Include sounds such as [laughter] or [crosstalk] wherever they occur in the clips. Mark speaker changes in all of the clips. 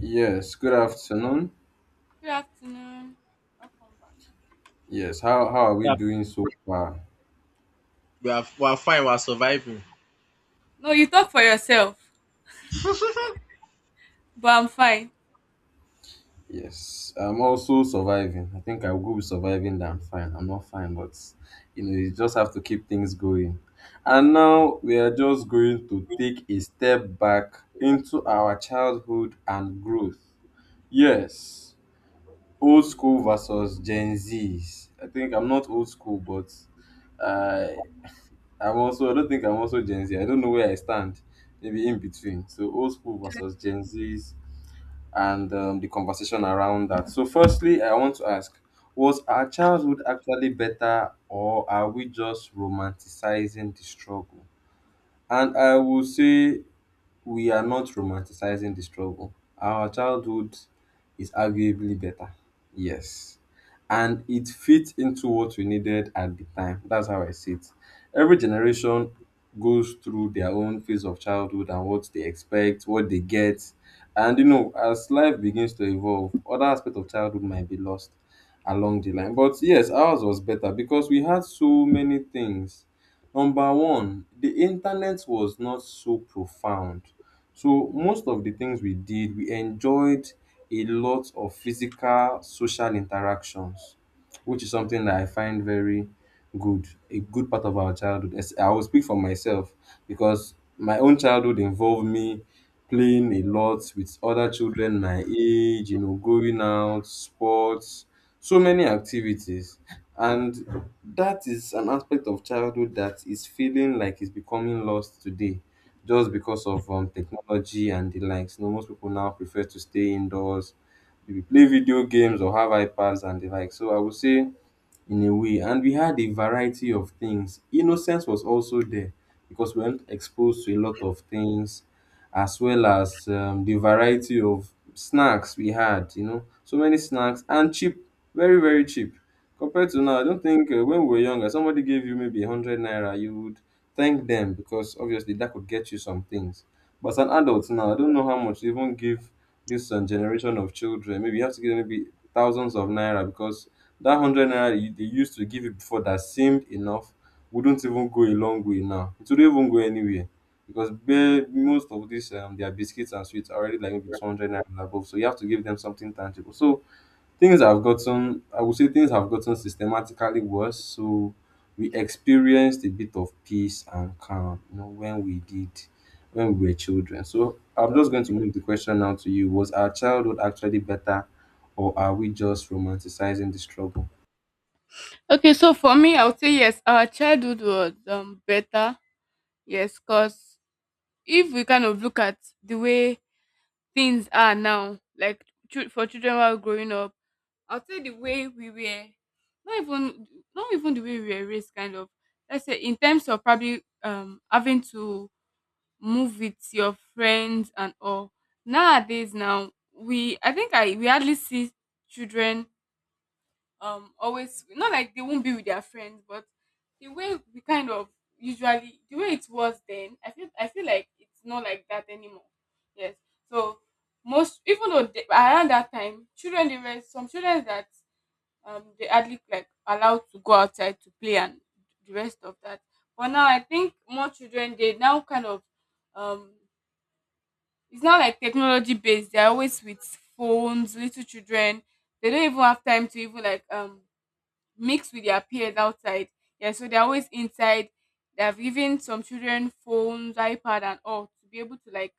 Speaker 1: Yes, good afternoon.
Speaker 2: Good afternoon.
Speaker 1: Yes, how are we
Speaker 3: Yeah,
Speaker 1: doing so far?
Speaker 3: we are fine. We are surviving.
Speaker 2: No, you talk for yourself,
Speaker 3: [laughs]
Speaker 2: but I'm fine.
Speaker 1: Yes, I'm also surviving. I think I will be with surviving than fine. I'm not fine, but you know, you just have to keep things going. And now we are just going to take a step back into our childhood and growth. Yes, old school versus Gen Zs. I think I'm not old school, but. uh, I'm also I don't think I'm also Gen Z. I don't know where I stand. Maybe in between. So old school versus Gen Zs and the conversation around that. So firstly, I want to ask: Was our childhood actually better, or are we just romanticizing the struggle? And I will say we are not romanticizing the struggle. Our childhood is arguably better. Yes. And it fits into what we needed at the time. That's how I see it. Every generation goes through their own phase of childhood and what they expect, what they get. And you know, as life begins to evolve, other aspects of childhood might be lost along the line. But yes, ours was better because we had so many things. Number one, the internet was not so profound, so most of the things we did, we enjoyed a lot of physical social interactions, which is something that I find very good, a good part of our childhood. I will speak for myself because my own childhood involved me playing a lot with other children my age, you know, going out, sports, so many activities. And that is an aspect of childhood that is feeling like it's becoming lost today just because of technology and the likes. You know, most people now prefer to stay indoors, maybe play video games or have iPads and the like. So I would say in a way, and we had a variety of things. Innocence was also there because we weren't exposed to a lot of things, as well as the variety of snacks we had, you know, so many snacks and cheap, very, very cheap. Compared to now, I don't think when we were younger, somebody gave you maybe 100 naira, you would thank them because obviously that could get you some things. But as an adult now, I don't know how much they even give this generation of children. Maybe you have to give them maybe thousands of naira because that hundred naira they used to give you before that seemed enough wouldn't even go a long way now. It wouldn't even go anywhere because most of these their biscuits and sweets are already like maybe 200 naira and above. So you have to give them something tangible. So things have gotten, I would say things have gotten systematically worse. So we experienced a bit of peace and calm, you know, when we were children. So I'm just going to move the question now to you: Was our childhood actually better, or are we just romanticizing the struggle?
Speaker 2: Okay, so for me, I would say yes, our childhood was better. Yes, because if we kind of look at the way things are now, like for children while growing up, I would say the way we were, not even not even the way we were raised, kind of. Let's say in terms of probably having to move with your friends and all. Nowadays, now we I think I we hardly see children, always, not like they won't be with their friends, but the way we kind of usually, the way it was then, I feel like it's not like that anymore. Yes. So most, even though they, around that time, children, they were some children that they hardly like allowed to go outside to play and the rest of that. But now I think more children they now kind of um it's not like technology based. They're always with phones, little children. They don't even have time to even like mix with their peers outside. Yeah, so they're always inside. They have given some children phones, iPad, and all to be able to like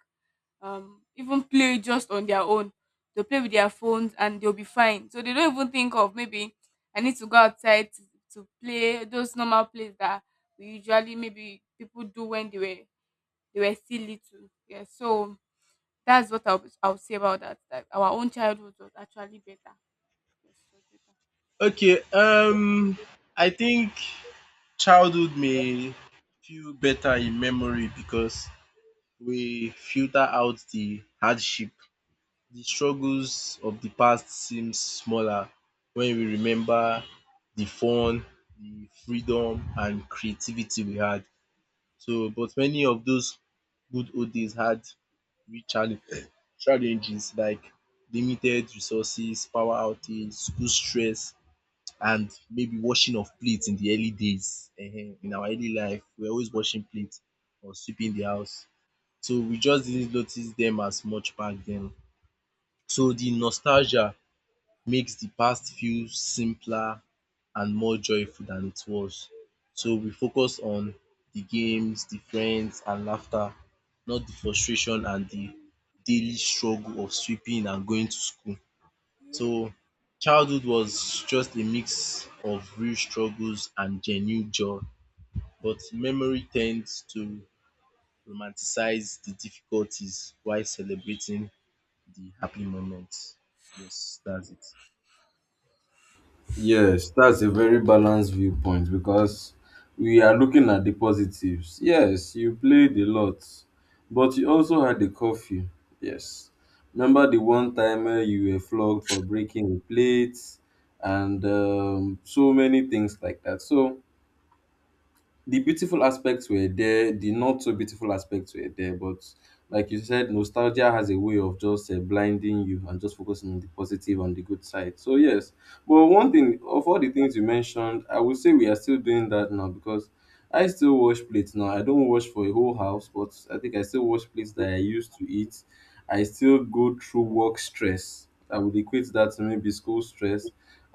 Speaker 2: even play just on their own. They'll play with their phones and they'll be fine. So they don't even think of maybe I need to go outside to play those normal plays that we usually maybe people do when they were still little. Yeah, so that's what I'll say about that. That our own childhood was actually better. Yes, was so
Speaker 3: Okay. I think childhood may feel better in memory because we filter out the hardship. The struggles of the past seem smaller when we remember the fun, the freedom, and creativity we had. So, but many of those good old days had real challenge [clears throat] challenges like limited resources, power outage, school stress and maybe washing of plates in the early days. Ehen, in our early life, we are always washing plates or sweeping the house. So we just didn't notice them as much back then. So the nostalgia makes the past feel simpler and more joyful than it was. So we focus on the games, the friends and laughter, not the frustration and the daily struggle of sweeping and going to school. So childhood was just a mix of real struggles and genuine joy, but memory tends to romanticize the difficulties while celebrating the happy moments. Yes, that's it.
Speaker 1: Yes, that's a very balanced viewpoint because we are looking at the positives. Yes, you played a lot, but you also had the curfew. Yes. Remember the one time you were flogged for breaking a plate and so many things like that. So the beautiful aspects were there, the not so beautiful aspects were there, but like you said, nostalgia has a way of just blinding you and just focusing on the positive and the good side. So yes, but one thing of all the things you mentioned, I would say we are still doing that now, because I still wash plates now. I don't wash for a whole house, but I think I still wash plates that I used to eat. I still go through work stress. I would equate that to maybe school stress,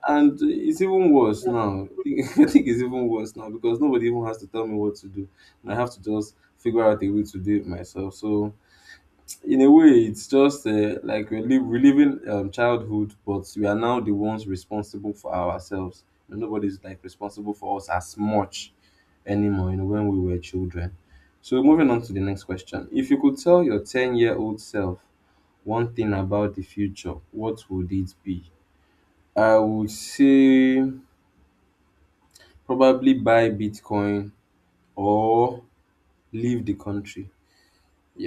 Speaker 1: and it's even worse now. [laughs] I think it's even worse now because nobody even has to tell me what to do. And I have to just figure out a way to do it myself. So, in a way, it's just like reliving childhood, but we are now the ones responsible for ourselves. And nobody's like responsible for us as much anymore, you know, when we were children. So, moving on to the next question. If you could tell your 10-year-old self one thing about the future, what would it be? I would say probably buy Bitcoin or leave the country.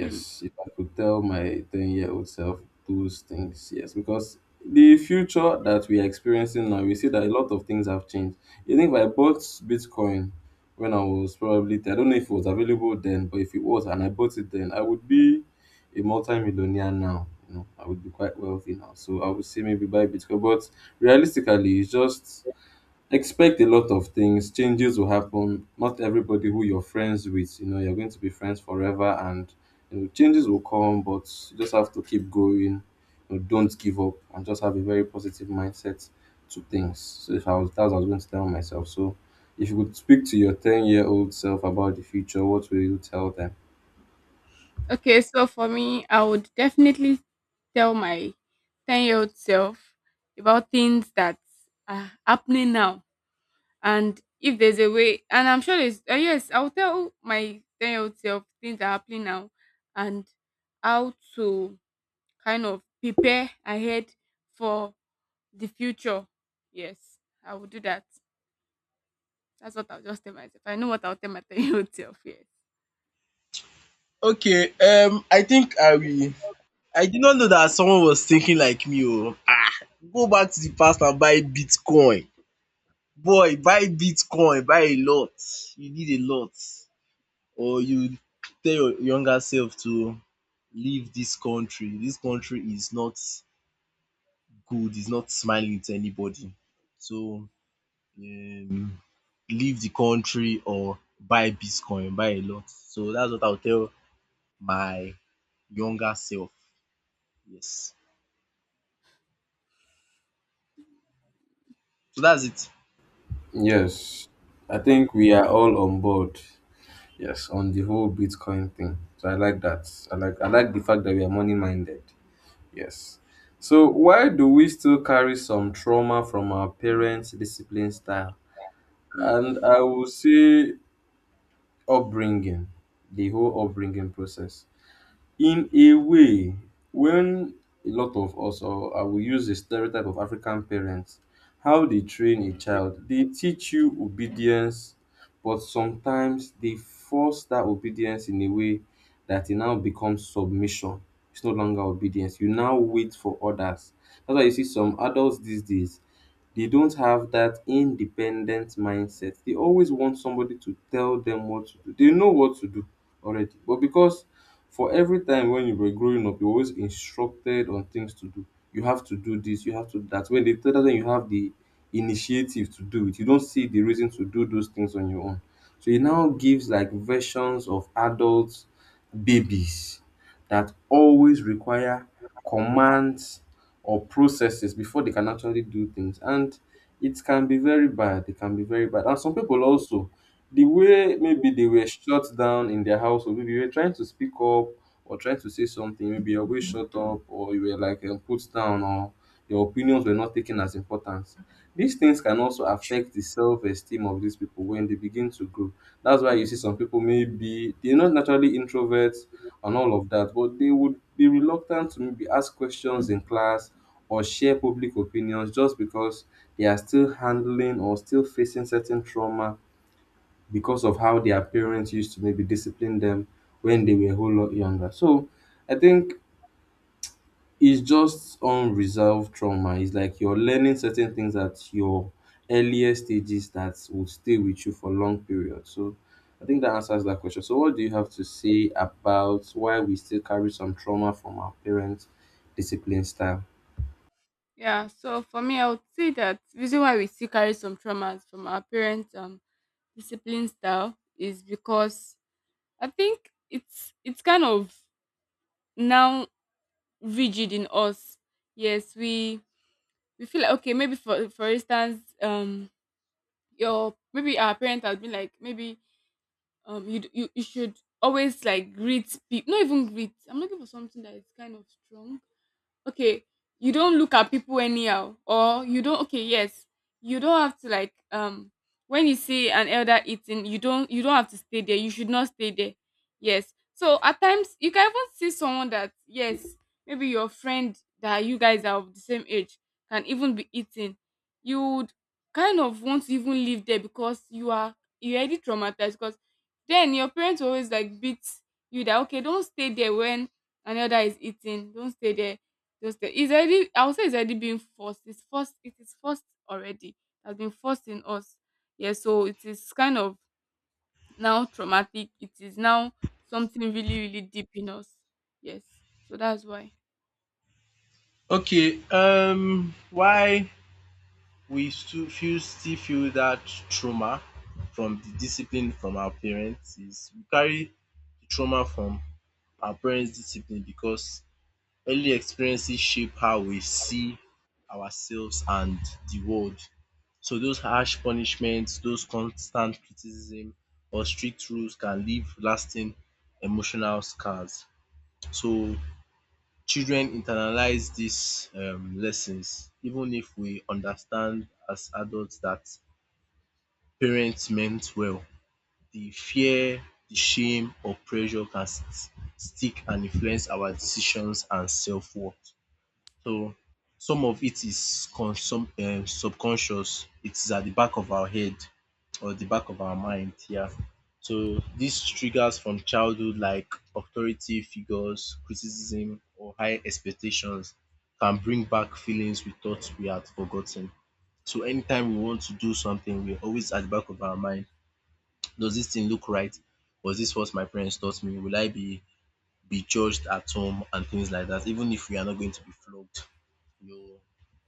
Speaker 2: better.
Speaker 1: if I could tell my 10-year-old self those things, yes, because the future that we are experiencing now, we see that a lot of things have changed. You think if I bought Bitcoin when I was probably, I don't know if it was available then, but if it was and I bought it then, I would be a multi-millionaire now. You know, I would be quite wealthy now. So I would say maybe buy Bitcoin, but realistically, it's just expect a lot of things. Changes will happen. Not everybody who you're friends with, you know, you're going to be friends forever, and you know, changes will come. But you just have to keep going. You know, don't give up, and just have a very positive mindset to things. So if I was, that's what I was going to tell myself. So if you could speak to your ten-year-old self about the future, what will you tell them?
Speaker 2: Okay, so for me, I would definitely tell my 10-year-old self about things that are happening now. And if there's a way, and I'm sure there's, yes, I'll tell my 10-year-old self things that are happening now and how to kind of prepare ahead for the future. Yes, I will do that. That's what I'll just tell myself. I know what I'll tell my [laughs] 10-year-old self. Yeah.
Speaker 3: Okay, I think I did not know that someone was thinking like me oh. Ah! Go back to the past and buy Bitcoin. Boy, buy Bitcoin, buy a lot. You need a lot or you tell your younger self to leave this country. This country is not good. It's not smiling to anybody. So, um leave the country or buy Bitcoin, buy a lot. So, that's what I will tell my younger self. Yes. So, that's it.
Speaker 1: Yes, I think we are all on board. Yes, on the whole Bitcoin thing. So I like that. I like the fact that we are money minded. Yes. So why do we still carry some trauma from our parents' discipline style? And
Speaker 2: Mm.
Speaker 1: I will say upbringing, the whole upbringing process. In a way, when a lot of us, or I will use the stereotype of African parents, how they train a child, they teach you obedience, but sometimes they force that obedience in a way that it now becomes submission. It's no longer obedience. You now wait for others. That's why you see some adults these days they don't have that independent mindset. They always want somebody to tell them what to do. They know what to do already. But because for every time when you were growing up, you were always instructed on things to do. You have to do this, you have to do that. When they tell that, you have the initiative to do it. You don't see the reason to do those things on your own. So it now gives like versions of adults, babies that always require commands or processes before they can actually do things. And it can be very bad. It can be very bad. And some people also, the way maybe they were shut down in their house, or maybe you were trying to speak up or trying to say something, maybe you were shut up or you were like put down, or your opinions were not taken as important. These things can also affect the self-esteem of these people when they begin to grow. That's why you see some people maybe they're not naturally introverts and all of that, but they would be reluctant to maybe ask questions in class or share public opinions just because they are still handling or still facing certain trauma because of how their parents used to maybe discipline them when they were a whole lot younger. So I think it's just unresolved trauma. It's like you're learning certain things at your earlier stages that will stay with you for long periods. So I think that answers that question. So what do you have to say about why we still carry some trauma from our parents' discipline style?
Speaker 2: Yeah, so for me, I would say that reason why we still carry some traumas from our parents' discipline style is because I think it's kind of now rigid in us. Yes, we feel like, okay, maybe for instance, your, maybe our parents has been like, maybe, you should always like greet people, not even greet, I'm looking for something that is kind of strong. Okay, you don't look at people anyhow, or you don't, okay, yes, you don't have to like, when you see an elder eating, you don't have to stay there, you should not stay there. Yes, so at times you can even see someone that, yes, maybe your friend that you guys are of the same age can even be eating, you would kind of want to even live there, because you already traumatized, because then your parents will always like beat you that, okay, don't stay there when another is eating, don't stay there. Just the It's already, I would say it's already being forced. It is forced already. It has been forced in us. Yeah, so it is kind of now traumatic. It is now something really, really deep in us. Yes. So that's why.
Speaker 3: Okay, why we still feel that trauma from the discipline from our parents is we carry the trauma from our parents' discipline because early experiences shape how we see ourselves and the world. So those harsh punishments, those constant criticism or strict rules can leave lasting emotional scars. So children internalize these lessons even if we understand as adults that parents meant well. The fear, the shame or pressure can stick and influence our decisions and self-worth. So some of it is consum subconscious. It is at the back of our head or the back of our mind, yeah. So these triggers from childhood like authority figures, criticism or high expectations can bring back feelings we thought we had forgotten. So anytime we want to do something, we're always at the back of our mind. Does this thing look right? Was this what my parents taught me? Will I be judged at home and things like that, even if we are not going to be flogged. You know,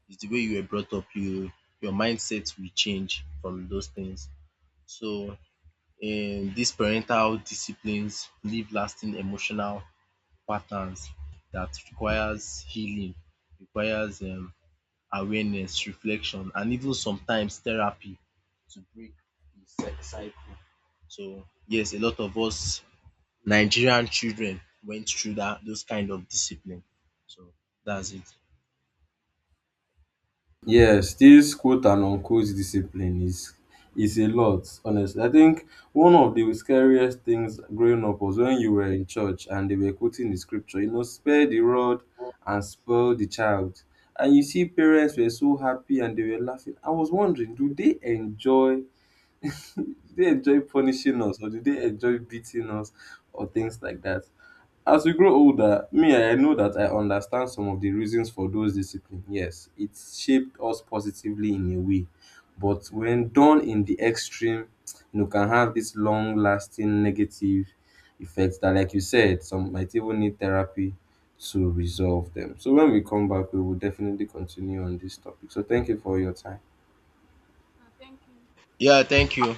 Speaker 3: it's the way you were brought up, your mindset will change from those things. So these parental disciplines leave lasting emotional patterns that requires healing, requires awareness, reflection and even sometimes therapy to break the cycle. So yes, a lot of us Nigerian children went through that those kind of discipline. So that's it.
Speaker 1: Yes, this quote and unquote discipline is a lot, honestly. I think one of the scariest things growing up was when you were in church and they were quoting the scripture, you know, spare the rod and spoil the child. And you see parents were so happy and they were laughing. I was wondering, do they enjoy, do they enjoy punishing us, or do they enjoy beating us, or things like that? As we grow older, me, I know that I understand some of the reasons for those discipline. Yes, it shaped us positively in a way, but when done in the extreme, you know, can have this long lasting negative effects that, like you said, some might even need therapy to resolve them. So when we come back, we will definitely continue on this topic. So thank you for your time.
Speaker 2: Ah, thank you.
Speaker 3: Yeah, thank you.